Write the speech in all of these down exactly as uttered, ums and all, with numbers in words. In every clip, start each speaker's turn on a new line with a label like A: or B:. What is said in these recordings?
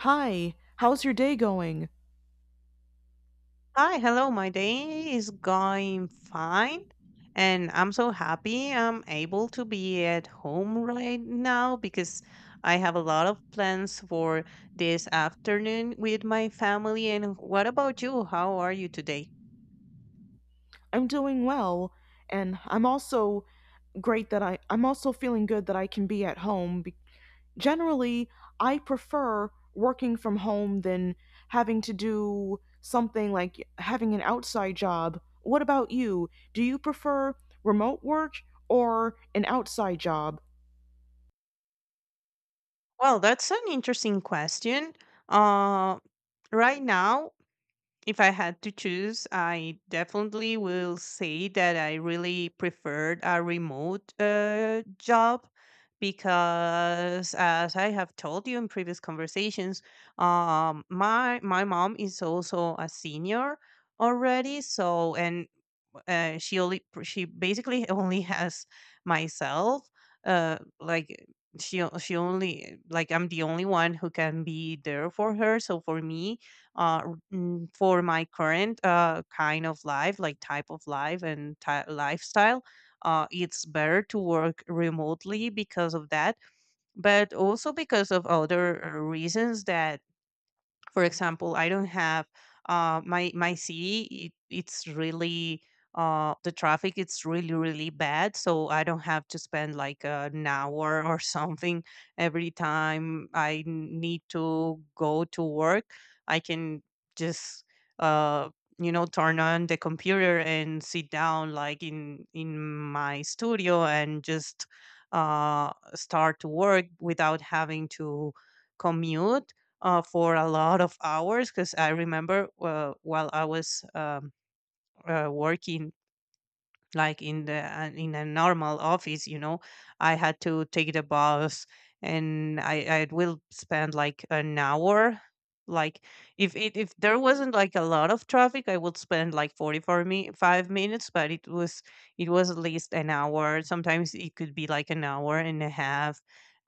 A: Hi, how's your day going?
B: Hi, hello. My day is going fine, and I'm so happy I'm able to be at home right now because I have a lot of plans for this afternoon with my family. And what about you? How are you today?
A: I'm doing well, and I'm also great that I, I'm also feeling good that I can be at home. Be- Generally, I prefer working from home than having to do something like having an outside job. What about you? Do you prefer remote work or an outside job?
B: Well, that's an interesting question. Uh, right now, if I had to choose, I definitely will say that I really preferred a remote uh, job because, as I have told you in previous conversations, um, my my mom is also a senior already. So, and uh, she only she basically only has myself. Uh, like she o- she only like I'm the only one who can be there for her. So for me, uh, r- mm, for my current uh kind of life, like type of life and ty- lifestyle, uh, it's better to work remotely because of that, but also because of other uh, reasons that for example, I don't have uh, my my city. It, it's really uh, the traffic. It's really really bad. So I don't have to spend like uh, an hour or something every time I n- need to go to work. I can just uh, you know turn on the computer and sit down like in in my studio and just uh, start to work without having to commute uh, for a lot of hours because I remember uh, while I was um, uh, working like in the uh, in a normal office you know I had to take the bus, and i i will spend like an hour. Like, if it if there wasn't like a lot of traffic, I would spend like forty-four me five minutes, but it was, it was at least an hour. Sometimes it could be like an hour and a half,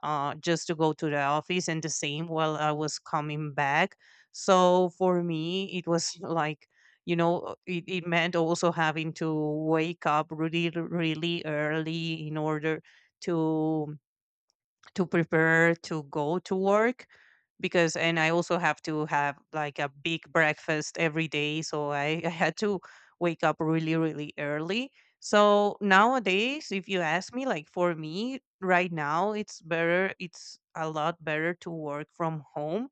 B: uh just to go to the office, and the same while I was coming back. So for me it was like, you know it, it meant also having to wake up really really early in order to to prepare to go to work because, and I also have to have like a big breakfast every day. So I, I had to wake up really, really early. So nowadays, if you ask me, like for me right now, it's better, it's a lot better to work from home.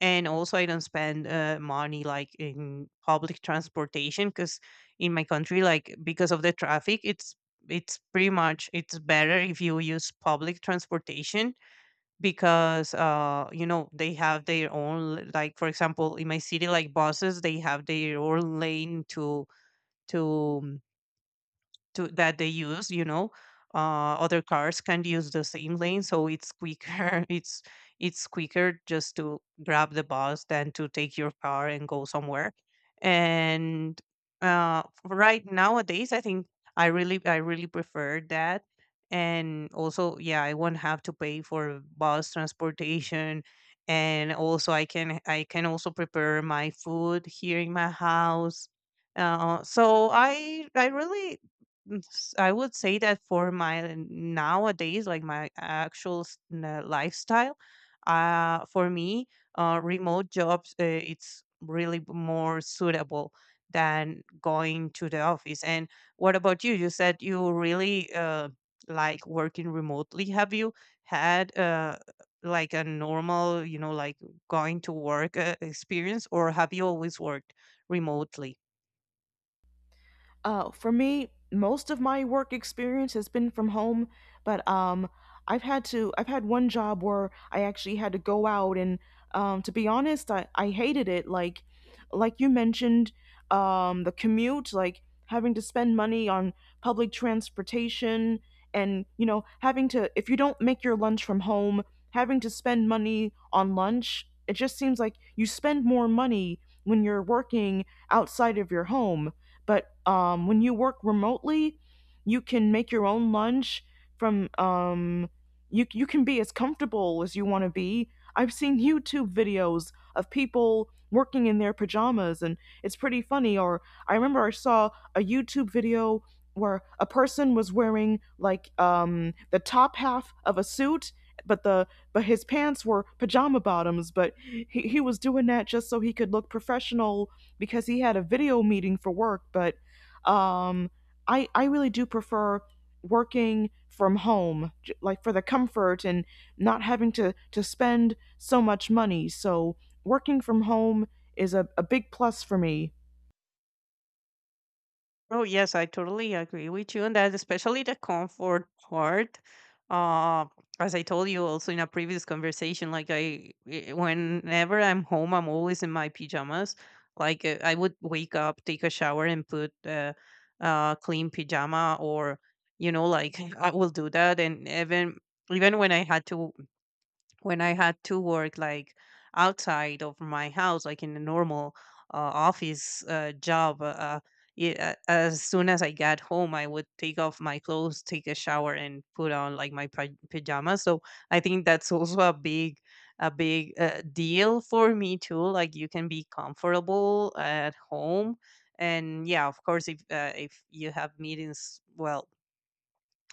B: And also, I don't spend uh, money like in public transportation, because in my country, like because of the traffic, it's it's pretty much, it's better if you use public transportation, because uh you know they have their own l- like for example in my city, like buses, they have their own lane to to to that they use, you know uh, other cars can use the same lane, so it's quicker. it's it's quicker just to grab the bus than to take your car and go somewhere. And uh, right nowadays I think i really I really prefer that. And also, yeah, I won't have to pay for bus transportation, and also i can I can also prepare my food here in my house. Uh, so i i really, Mm, s- I would say that for my nowadays, like my actual s- n- uh, lifestyle, uh, for me, uh, remote jobs, uh, it's really b- more suitable than going to the office. And what about you? You said you really uh, like working remotely. Have you had uh, like a normal, you know, like going to work uh, experience, or have you always worked remotely?
A: Uh, for me, most of my work experience has been from home, but um, I've had to. I've had one job where I actually had to go out, and um, to be honest, I, I hated it. Like, like you mentioned, um, the commute, like having to spend money on public transportation, and you know, having to if you don't make your lunch from home, having to spend money on lunch. It just seems like you spend more money when you're working outside of your home. But um, when you work remotely, you can make your own lunch from um, you you can be as comfortable as you want to be. I've seen YouTube videos of people working in their pajamas, and it's pretty funny. Or I remember I saw a YouTube video where a person was wearing like um, the top half of a suit, but the but his pants were pajama bottoms. But he, he was doing that just so he could look professional because he had a video meeting for work. But um, I, I really do prefer working from home, like for the comfort and not having to, to spend so much money. So working from home is a, a big plus for me.
B: Oh, yes, I totally agree with you on that, especially the comfort part. Uh, as I told you also in a previous conversation, like I, eh, eh, whenever I'm home, I'm always in my pajamas. Like uh, I would wake up, take a shower, and put a uh, uh, clean pajama, or you know, like I will do that. And even even when I had to, when I had to work like outside of my house, like in a normal uh, office uh, job, uh, y- uh as soon as I got home, I would take off my clothes, take a shower, and put on like my pa- pajamas. So I think that's also a big, a big uh, deal for me too. Like you can be comfortable at home, and yeah, of course, if uh, if you have meetings, well,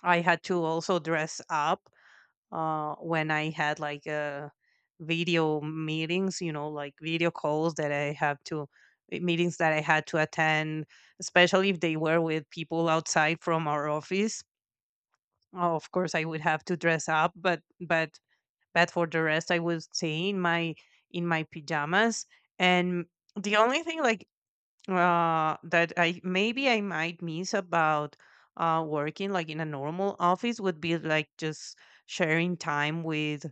B: I had to also dress up uh, when I had like uh, video meetings, you know, like video calls that I have to, eh, meetings that I had to attend, especially if they were with people outside from our office. Uh, Of course, I would have to dress up, but but but for the rest, I would stay in my, in my pajamas. And the only thing, like uh, that I maybe I might miss about uh working like in a normal office would be like just sharing time with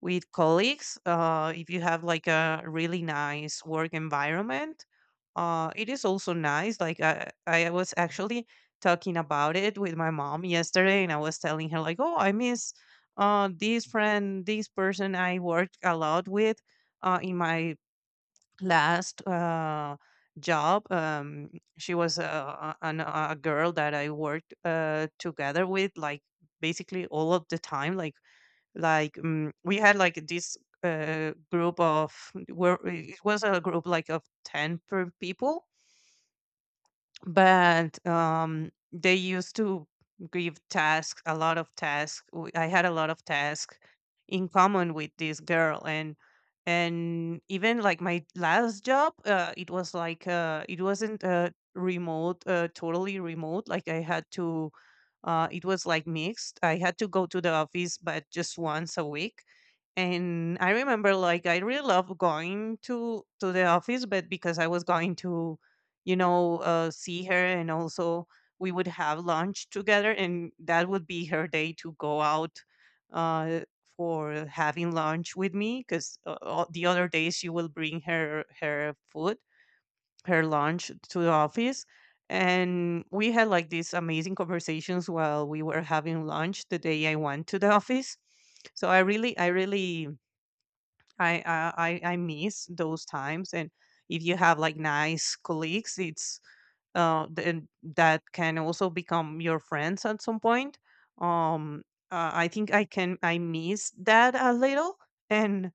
B: with colleagues. Uh, if you have like a really nice work environment, uh, it is also nice. Like I, I was actually talking about it with my mom yesterday, and I was telling her like, oh, I miss uh this friend, this person I worked a lot with uh in my last uh, job. um, she was a, a, an- a girl that I worked uh, together with, like basically all of the time. like like um, we had like this uh, group of where it was a group like of ten per people, but um, they used to give tasks, a lot of tasks. W- I had a lot of tasks in common with this girl, and and even like my last job, uh, it was like uh, it wasn't uh, remote, uh, totally remote. Like I had to, uh, it was like mixed. I had to go to the office, but just once a week. And I remember, like, I really love going to to the office, but because I was going to, you know, uh, see her, and also we would have lunch together, and that would be her day to go out uh, for having lunch with me. Because uh, all- the other days she will bring her her food, her lunch to the office, and we had like these amazing conversations while we were having lunch the day I went to the office. So I really, I really, I I I I miss those times. And if you have like nice colleagues, it's uh, th- and that can also become your friends at some point. Um, uh, I think I can I miss that a little, and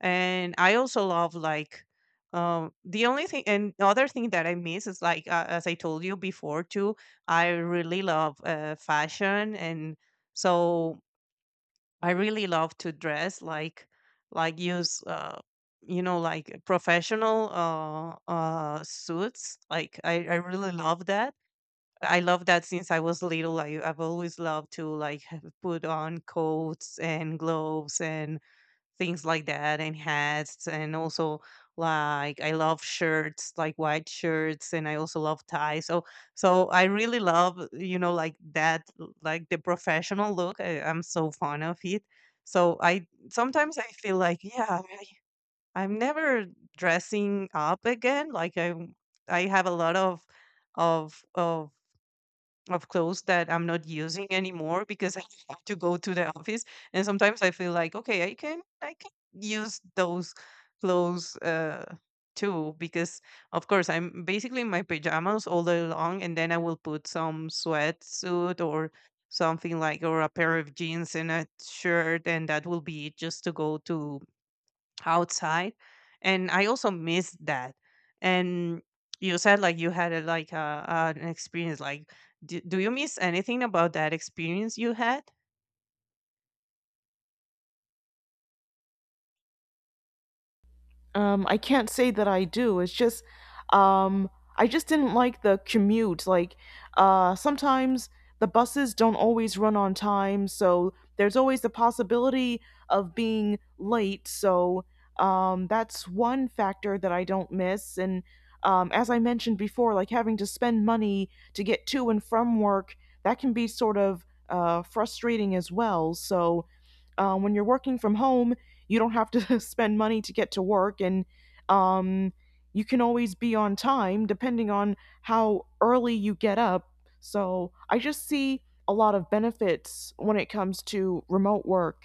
B: and I also love like um, the only thing, and the other thing that I miss is like uh, as I told you before too. I really love uh, fashion, and so I really love to dress like like use uh, you know like professional uh, uh, suits. Like I I really love that. I love that since I was little. I, I've always loved to like have- put on coats and gloves and things like that and hats and also like I love shirts, like white shirts, and I also love ties. So, so I really love, you know, like that l- like the professional look. I, I'm so fond of it. So I sometimes I feel like, yeah, I, I'm never dressing up again. Like I I have a lot of of of of clothes that I'm not using anymore because I have to go to the office. And sometimes I feel like, okay, I can I can use those clothes uh, too, because of course I'm basically in my pajamas all day long, and then I will put some sweatsuit or something, like, or a pair of jeans and a shirt, and that will be it, just to go to outside. And I also missed that. And you said like you had a, like a, uh an experience like, do, do you miss anything about that experience you had?
A: Um, I can't say that I do. It's just, um, I just didn't like the commute. Like, uh, sometimes the buses don't always run on time, so there's always the possibility of being late. So, um, that's one factor that I don't miss. And, um, as I mentioned before, like having to spend money to get to and from work, that can be sort of, uh, frustrating as well. So, uh, when you're working from home, you don't have to spend money to get to work. And um, you can always be on time depending on how early you get up. So I just see a lot of benefits when it comes to remote work.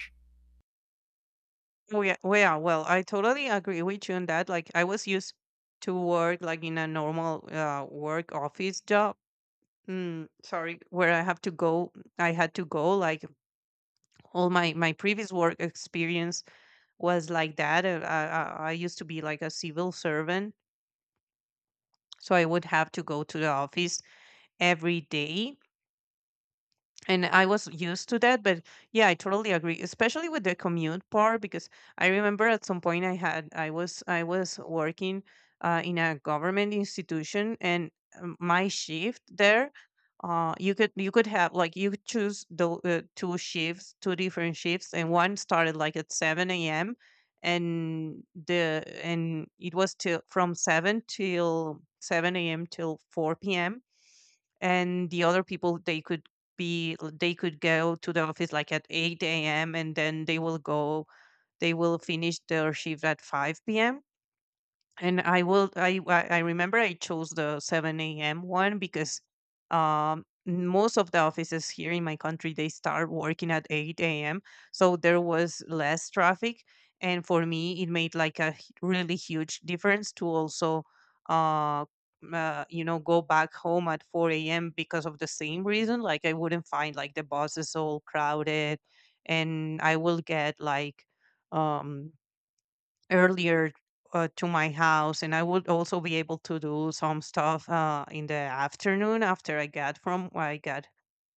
B: Oh yeah, well, yeah, well, I totally agree with you on that. Like I was used to work like in a normal uh, work office job, mm, sorry, where i have to go I had to go, like, all my my previous work experience was like that. Uh, I, I, I used to be like a civil servant, so I would have to go to the office every day. And I was used to that, but yeah, I totally agree, especially with the commute part, because I remember at some point I had I was I was working uh, in a government institution, and um, my shift there, uh, you could you could have, like, you could choose the uh, two shifts, two different shifts, and one started like at seven a m and the and it was till, from seven till seven a m till four p m. And the other people, they could be they could go to the office like at eight a.m. and then they will go they will finish their shift at five p.m. and I will. I I I remember I chose the seven a m one because um, most of the offices here in my country they start working at eight a m. So there was less traffic, and for me it made like a h- really huge difference to also, uh, uh, you know, go back home at four a m because of the same reason. Like I wouldn't find like the buses all crowded, and I will get like um earlier uh, to my house, and I would also be able to do some stuff uh, in the afternoon after I got from I got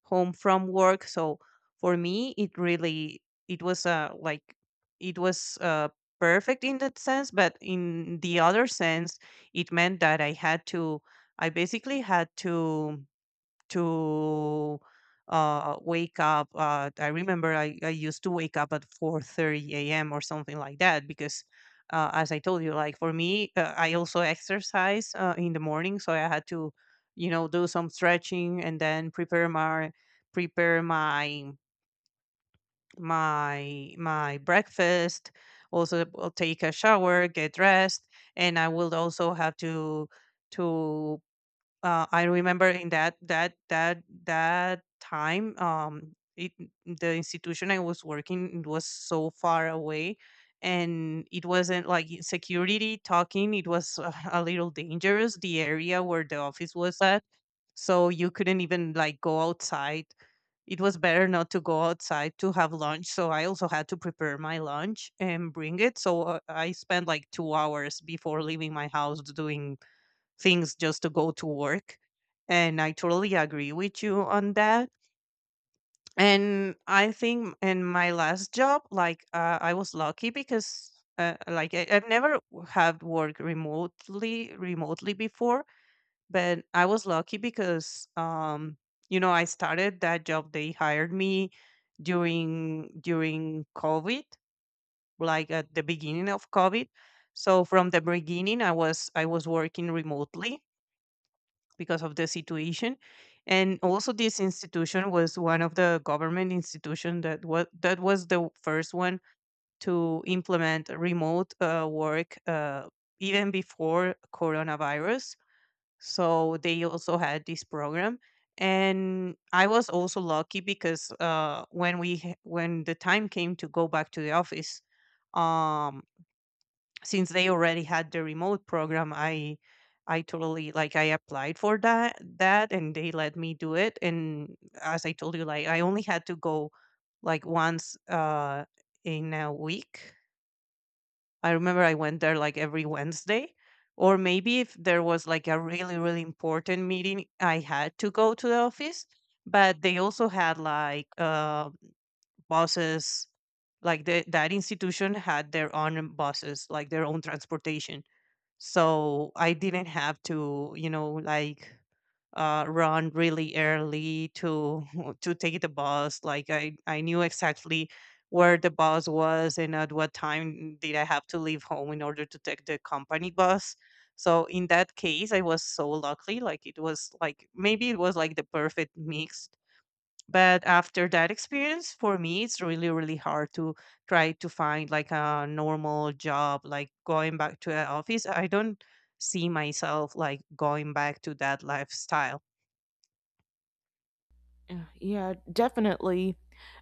B: home from work. So for me, it really it was uh, like it was uh, perfect in that sense, but in the other sense, it meant that I had to I basically had to to uh, wake up. Uh, I remember I, I used to wake up at four thirty a m or something like that because, uh, as I told you, like for me, uh, I also exercise uh, in the morning, so I had to, you know, do some stretching and then prepare my prepare my my my breakfast. Also, uh, take a shower, get dressed, and I will also have to to uh, I remember in that that that that time, um, it, the institution I was working in was so far away, and it wasn't like y- security talking. It was uh, a little dangerous. The area where the office was at, so you couldn't even like go outside. It was better not to go outside to have lunch. So I also had to prepare my lunch and bring it. So uh, I spent like two hours before leaving my house doing things just to go to work. And I totally agree with you on that. And I think in my last job, like uh, I was lucky because uh, like I, I've never w- have worked remotely remotely before, but I was lucky because um, you know, I started that job. They hired me during during COVID, like at the beginning of COVID. So from the beginning, I was I was working remotely because of the situation, and also this institution was one of the government institution that was that was the first one to implement remote uh, work, uh, even before coronavirus. So they also had this program, and I was also lucky because, uh, when we h- when the time came to go back to the office, um since they already had the remote program, I I totally like I applied for that that and they let me do it. And as I told you, like I only had to go like once uh in a week. I remember I went there like every Wednesday, or maybe if there was like a really really important meeting I had to go to the office. But they also had like uh buses, like the, that institution had their own buses, like their own transportation. So I didn't have to, you know, like uh, run really early to to take the bus. Like i i knew exactly where the bus was and at what time did I have to leave home in order to take the company bus. So in that case I was so lucky. Like it was like, maybe it was like the perfect mix. But after that experience, for me it's really really hard to try to find like a normal job, like going back to an office. I don't see myself like going back to that lifestyle.
A: Uh, Yeah, definitely.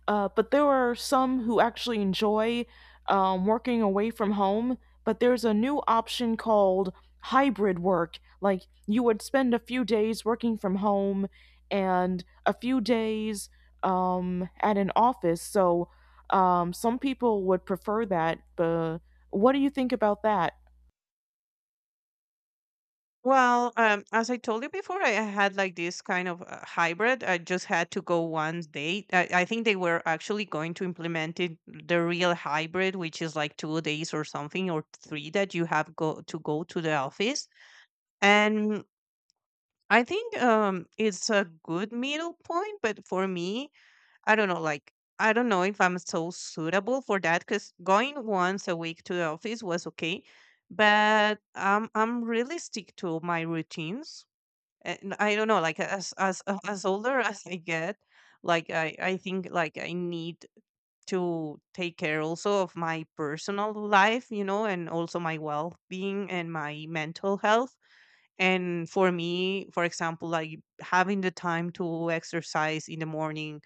A: Uh, but there are some who actually enjoy um, working away from home. But there's a new option called hybrid work. Like you would spend a few days working from home and a few days um, at an office. So um, some people would prefer that. But what do you think about that?
B: Well, um, as I told you before, I had like this kind of uh, hybrid. I just had to go one day. I, I think they were actually going to implement it, the real hybrid, which is like two days or something, or three, that you have go to go to the office. And I think um it's a good middle point, but for me, I don't know, like I don't know if I'm so suitable for that, because going once a week to the office was okay, but I'm I'm really stick to my routines. And I don't know, like as as uh, as older as I get, like I I think like I need to take care also of my personal life, you know, and also my well being and my mental health. And for me, for example, like having the time to exercise in the morning,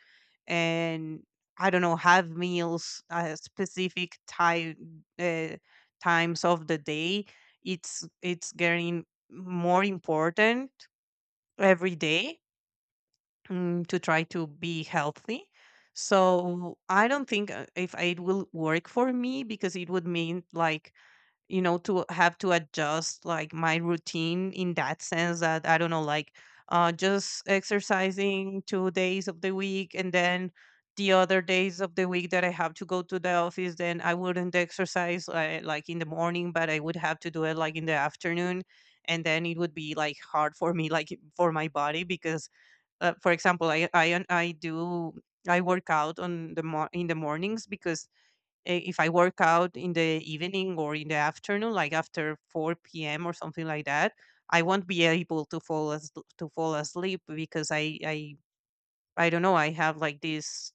B: and I don't know, have meals at specific time uh, times of the day, it's it's getting more important every day, mm, to try to be healthy. So I don't think uh, if it will work for me, because it would mean like, you know, to have to adjust like my routine in that sense, that I don't know, like uh just exercising two days of the week, and then the other days of the week that I have to go to the office, then I wouldn't exercise uh, like in the morning, but I would have to do it like in the afternoon. And then it would be like hard for me, like for my body, because uh, for example, i i i do I work out on the mo- in the mornings, because eh, if I work out in the evening or in the afternoon, like after four p m or something like that, I won't be able to fall as to fall asleep, because I I I don't know. I have like this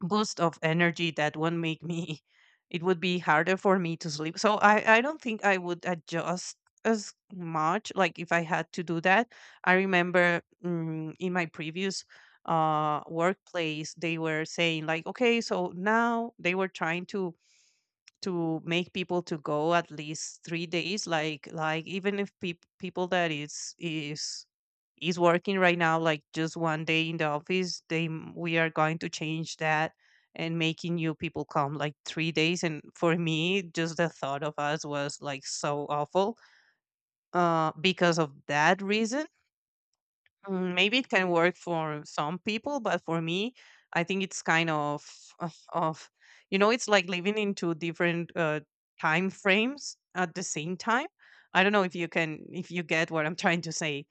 B: boost of energy that won't make me. It would be harder for me to sleep. So I I don't think I would adjust as much. Like if I had to do that, I remember, mm, in my previous uh workplace, they were saying like, okay, so now they were trying to to make people to go at least three days, like like even if peop people that is is is working right now like just one day in the office, they m- we are going to change that, and making new people come like three days. And for me, just the thought of us was like so awful, uh because of that reason. Mm, maybe it can work for some people, but for me, I think it's kind of of, of you know, it's like living in two different uh, time frames at the same time. I don't know if you can if you get what I'm trying to say.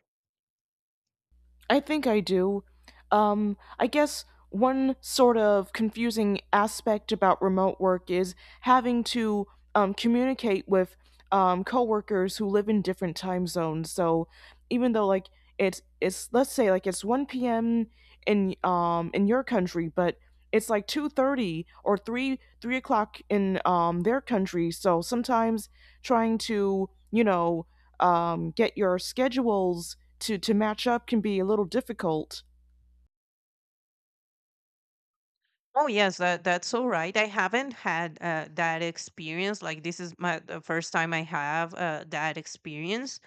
A: I think I do. Um, I guess one sort of confusing aspect about remote work is having to um, communicate with um, coworkers who live in different time zones. So even though like it's it's let's say like it's one p m in um in your country, but it's like two thirty or three three o'clock in um their country. So sometimes trying to you know um get your schedules to to match up can be a little difficult.
B: Oh yes, that that's so right. I haven't had uh, that experience. Like this is my the first time I have uh, that experience,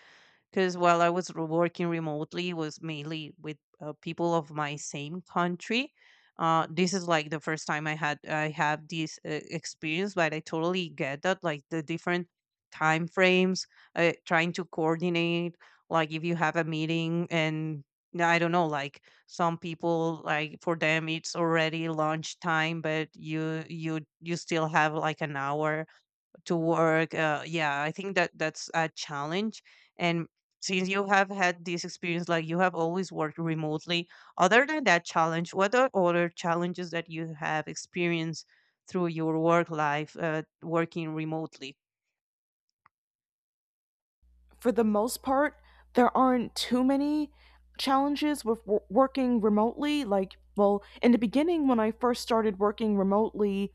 B: because while I was re- working remotely, it was mainly with uh, people of my same country. Uh, this is like the first time I had I have this uh, experience, but I totally get that, like the different time frames, uh, trying to coordinate. Like if you have a meeting, and no, I don't know, like some people, like for them it's already lunchtime, but you you you still have like an hour to work. Uh, yeah, I think that that's a challenge. And since you have had this experience, like you have always worked remotely, other than that challenge, what are other challenges that you have experienced through your work life, uh, working remotely?
A: For the most part, there aren't too many challenges with w- working remotely. Like, well, in the beginning, when I first started working remotely,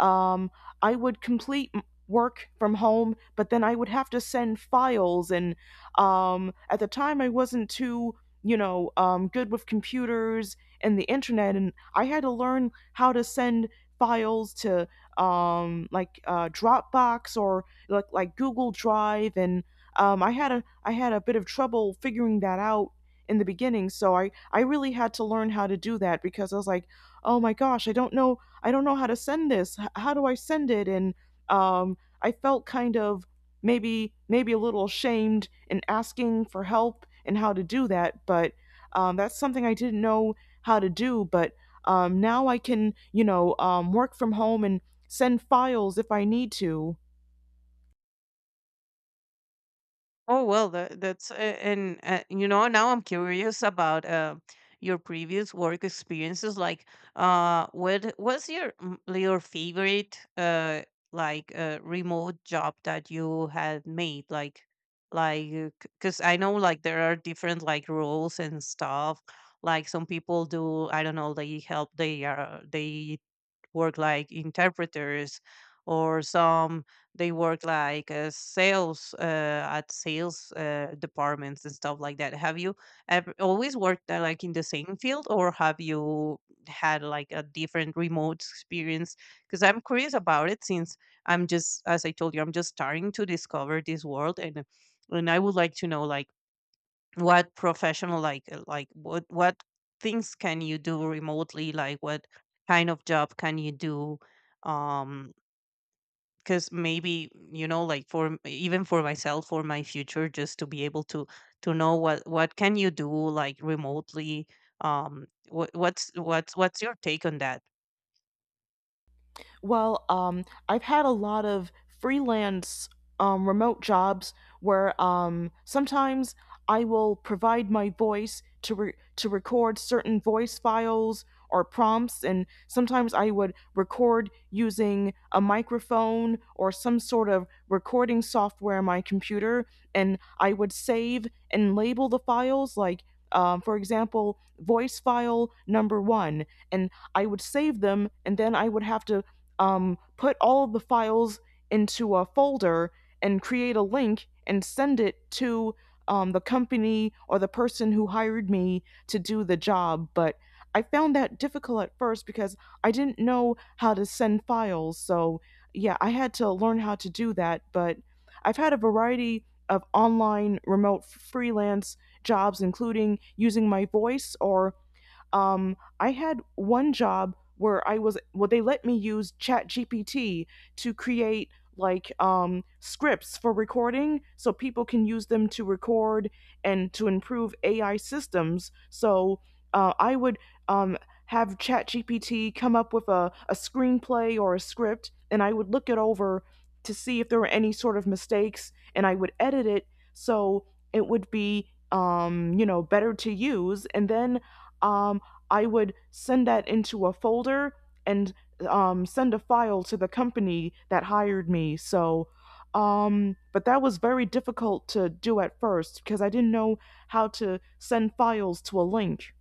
A: um, I would complete m- work from home, but then I would have to send files. And um, at the time, I wasn't too, you know, um, good with computers and the internet, and I had to learn how to send files to um, like uh, Dropbox or like like Google Drive. And um, I had a I had a bit of trouble figuring that out in the beginning, so I I really had to learn how to do that. Because I was like, oh my gosh, I don't know I don't know how to send this. H- how do I send it? And um, I felt kind of maybe maybe a little ashamed in asking for help and how to do that. But um, that's something I didn't know how to do. But um, now I can, you know, um, work from home and send files if I need to.
B: Oh well, that, that's a- and uh, you know, now I'm curious about uh, your previous work experiences. Like, uh, what was your m- your favorite uh like uh, remote job that you had made? Like, like because I know like there are different like roles and stuff. Like some people do, I don't know, they help. They are they work like interpreters, or some they work like uh, sales, uh, at sales uh, departments and stuff like that. Have you ever, always worked uh, like in the same field, or have you had like a different remote experience? Because I'm curious about it, since I'm just, as I told you, I'm just starting to discover this world. and and I would like to know like what professional like uh, like what what things can you do remotely, like what kind of job can you do, um because maybe, you know, like for m- even for myself, for my future, just to be able to to know what what can you do like remotely. um what what's what's what's your take on that?
A: Well, um, I've had a lot of freelance um, remote jobs where um, sometimes I will provide my voice to re- to record certain voice files or prompts, and sometimes I would record using a microphone or some sort of recording software on my computer, and I would save and label the files like. Um, for example, voice file number one, and I would save them, and then I would have to um, put all of the files into a folder and create a link and send it to um, the company or the person who hired me to do the job. But I found that difficult at first because I didn't know how to send files. So, yeah, I had to learn how to do that. But I've had a variety of online remote freelance jobs, including using my voice. Or um, I had one job where I was, well, they let me use ChatGPT to create like um, scripts for recording, so people can use them to record and to improve A I systems. So uh, I would um, have ChatGPT come up with a, a screenplay or a script, and I would look it over to see if there were any sort of mistakes, and I would edit it so it would be, um, you know, better to use. And then um, I would send that into a folder and um, send a file to the company that hired me. So, um, but that was very difficult to do at first because I didn't know how to send files to a link.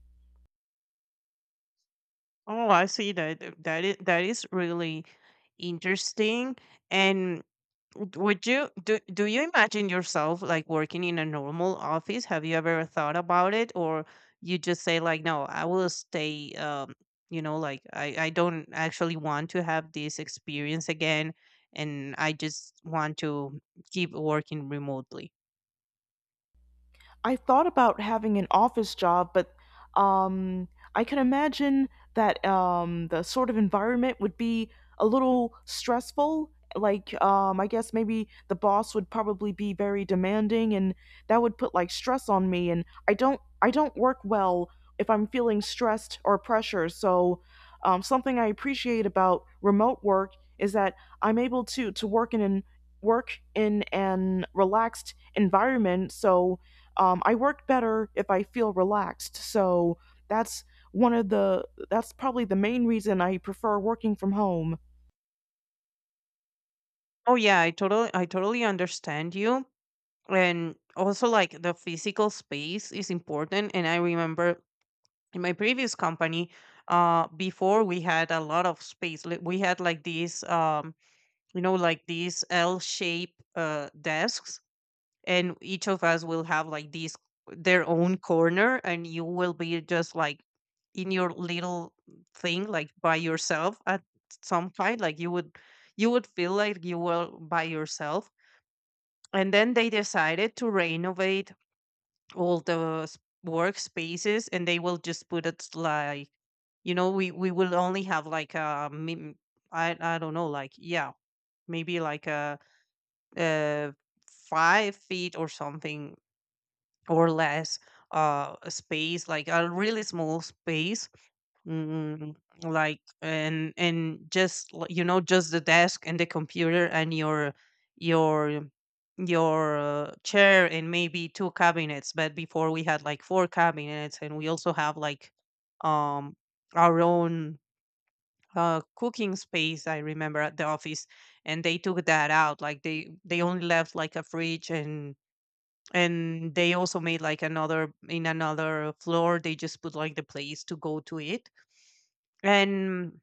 B: Oh, I see, that that is, that is really interesting. And Would would you do do you imagine yourself like working in a normal office? Have you ever thought about it, or you just say like, no, I will stay. Um, you know, like I I don't actually want to have this experience again, and I just want to keep working remotely.
A: I thought about having an office job, but um, I can imagine that um, the sort of environment would be a little stressful. Like, um, I guess maybe the boss would probably be very demanding, and that would put like stress on me. And I don't, I don't work well if I'm feeling stressed or pressure. So, um, something I appreciate about remote work is that I'm able to to work in an work in an relaxed environment. So um, I work better if I feel relaxed. So that's one of the, that's probably the main reason I prefer working from home.
B: Oh yeah, I totally I totally understand you. And also like the physical space is important. And I remember in my previous company uh before we had a lot of space Li- we had like these um you know, like these L shape uh desks, and each of us will have like these, their own corner, and you will be just like in your little thing, like by yourself. At some kind, like you would, you would feel like you were by yourself. And then they decided to renovate all the s- workspaces, and they will just put it like, you know, we we will only have like a min- i i don't know, like yeah, maybe like a, uh five feet or something, or less, uh space, like a really small space. Mm, like, and and just li- you know, just the desk and the computer and your your your uh, chair, and maybe two cabinets, but before we had like four cabinets, and we also have like, um our own uh cooking space, I remember, at the office. And they took that out, like they they only left like a fridge. and and they also made like another, in another floor, they just put like the place to go to it. and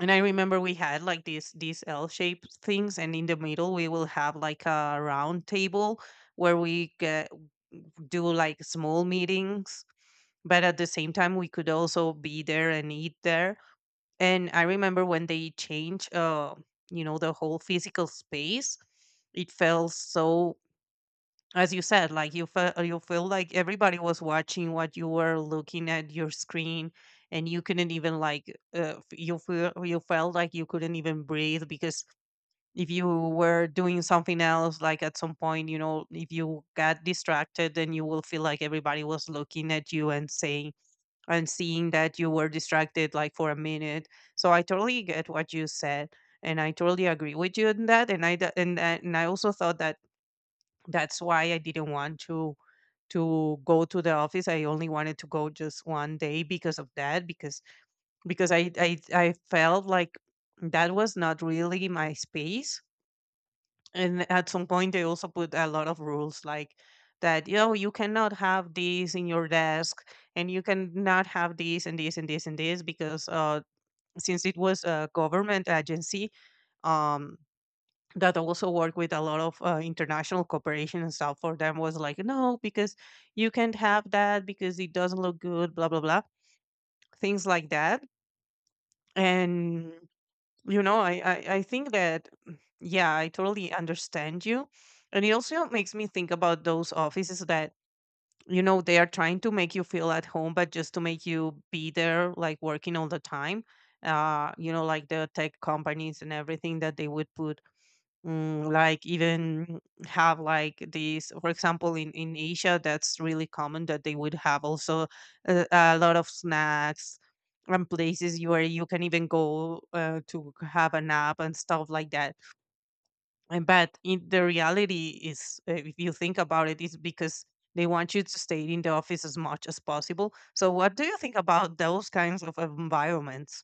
B: and I remember we had like these these L-shaped things, and in the middle we will have like a round table where we get, do like small meetings, but at the same time we could also be there and eat there. And I remember when they changed, uh, you know, the whole physical space, it felt so, as you said, like you felt, you feel like everybody was watching what you were, looking at your screen, and you couldn't even like, uh, f- you feel, you felt like you couldn't even breathe, because if you were doing something else, like at some point, you know, if you got distracted, then you will feel like everybody was looking at you and saying, and seeing that you were distracted like for a minute. So I totally get what you said, and I totally agree with you in that, and I d- and, I- and I also thought that that's why I didn't want to to go to the office. I only wanted to go just one day because of that, because, because I I, I felt like that was not really my space. And at some point they also put a lot of rules, like that, you know, you cannot have this in your desk, and you cannot have this and this and this and this, because uh since it was a government agency, um that also work with a lot of uh, international cooperation and stuff, for them was like no, because you can't have that because it doesn't look good, blah blah blah, things like that. And, you know, i i, I think that yeah, I totally understand you. And it also makes me think about those offices that, you know, they are trying to make you feel at home, but just to make you be there, like working all the time. uh you know, like the tech companies and everything, that they would put, mm, like, even have like these, for example, in in Asia that's really common, that they would have also a, a lot of snacks and places you- where you can even go uh, to have a nap and stuff like that. And but in the reality is, uh, if you think about it, is because they want you to stay in the office as much as possible. So, what do you think about those kinds of environments?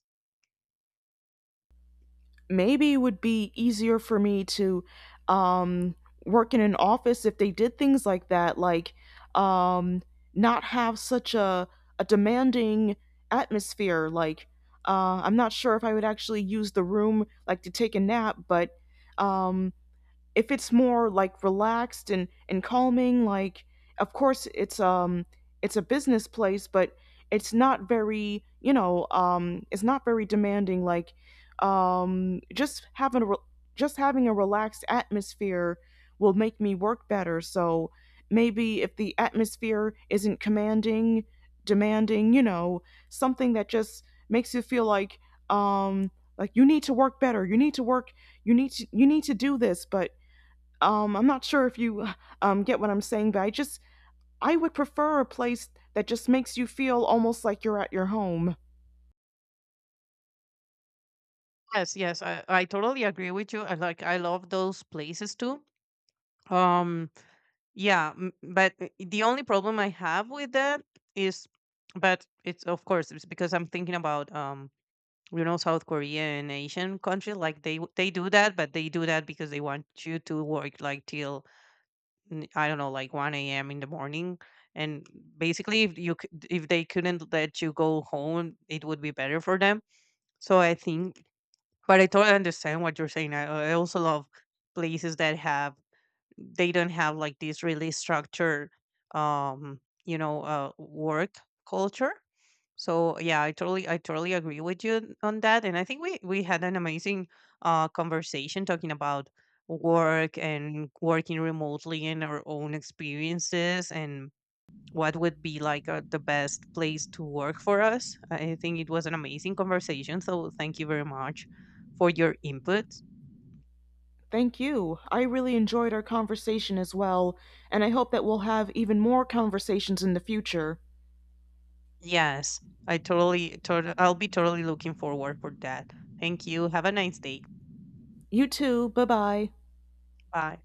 A: Maybe it would be easier for me to um, work in an office if they did things like that, like um, not have such a a demanding atmosphere. Like uh, I'm not sure if I would actually use the room like to take a nap. But um, if it's more like relaxed and and calming, like, of course it's um it's a business place, but it's not very you know um it's not very demanding. Like um just having a re- just having a relaxed atmosphere will make me work better. So maybe if the atmosphere isn't commanding demanding, you know something that just makes you feel like um like you need to work better you need to work you need to you need to do this. But um, I'm not sure if you um, get what I'm saying. But I just, I would prefer a place that just makes you feel almost like you're at your home.
B: Yes, yes, I, I totally agree with you. I like, I love those places too. Um, Yeah, m- but uh, the only problem I have with that is, but it's, of course it's because I'm thinking about, um you know, South Korea and Asian country, like they w- they do that, but they do that because they want you to work like till, mm, I don't know, like one a m in the morning. And basically if you c- if they couldn't let you go home, it would be better for them. So I think, but I totally understand what you're saying. I, I also love places that have, they don't have like this really structured, um you know, uh work culture. So yeah, i totally i totally agree with you on that. And I think we we had an amazing uh conversation talking about work and working remotely and our own experiences, and what would be like, uh, the best place to work for us. I think it was an amazing conversation, so thank you very much for your input.
A: Thank you. I really enjoyed our conversation as well, and I hope that we'll have even more conversations in the future.
B: Yes, I totally, tot I'll be totally looking forward for that. Thank you. Have a nice day.
A: You too. Bye bye.
B: Bye.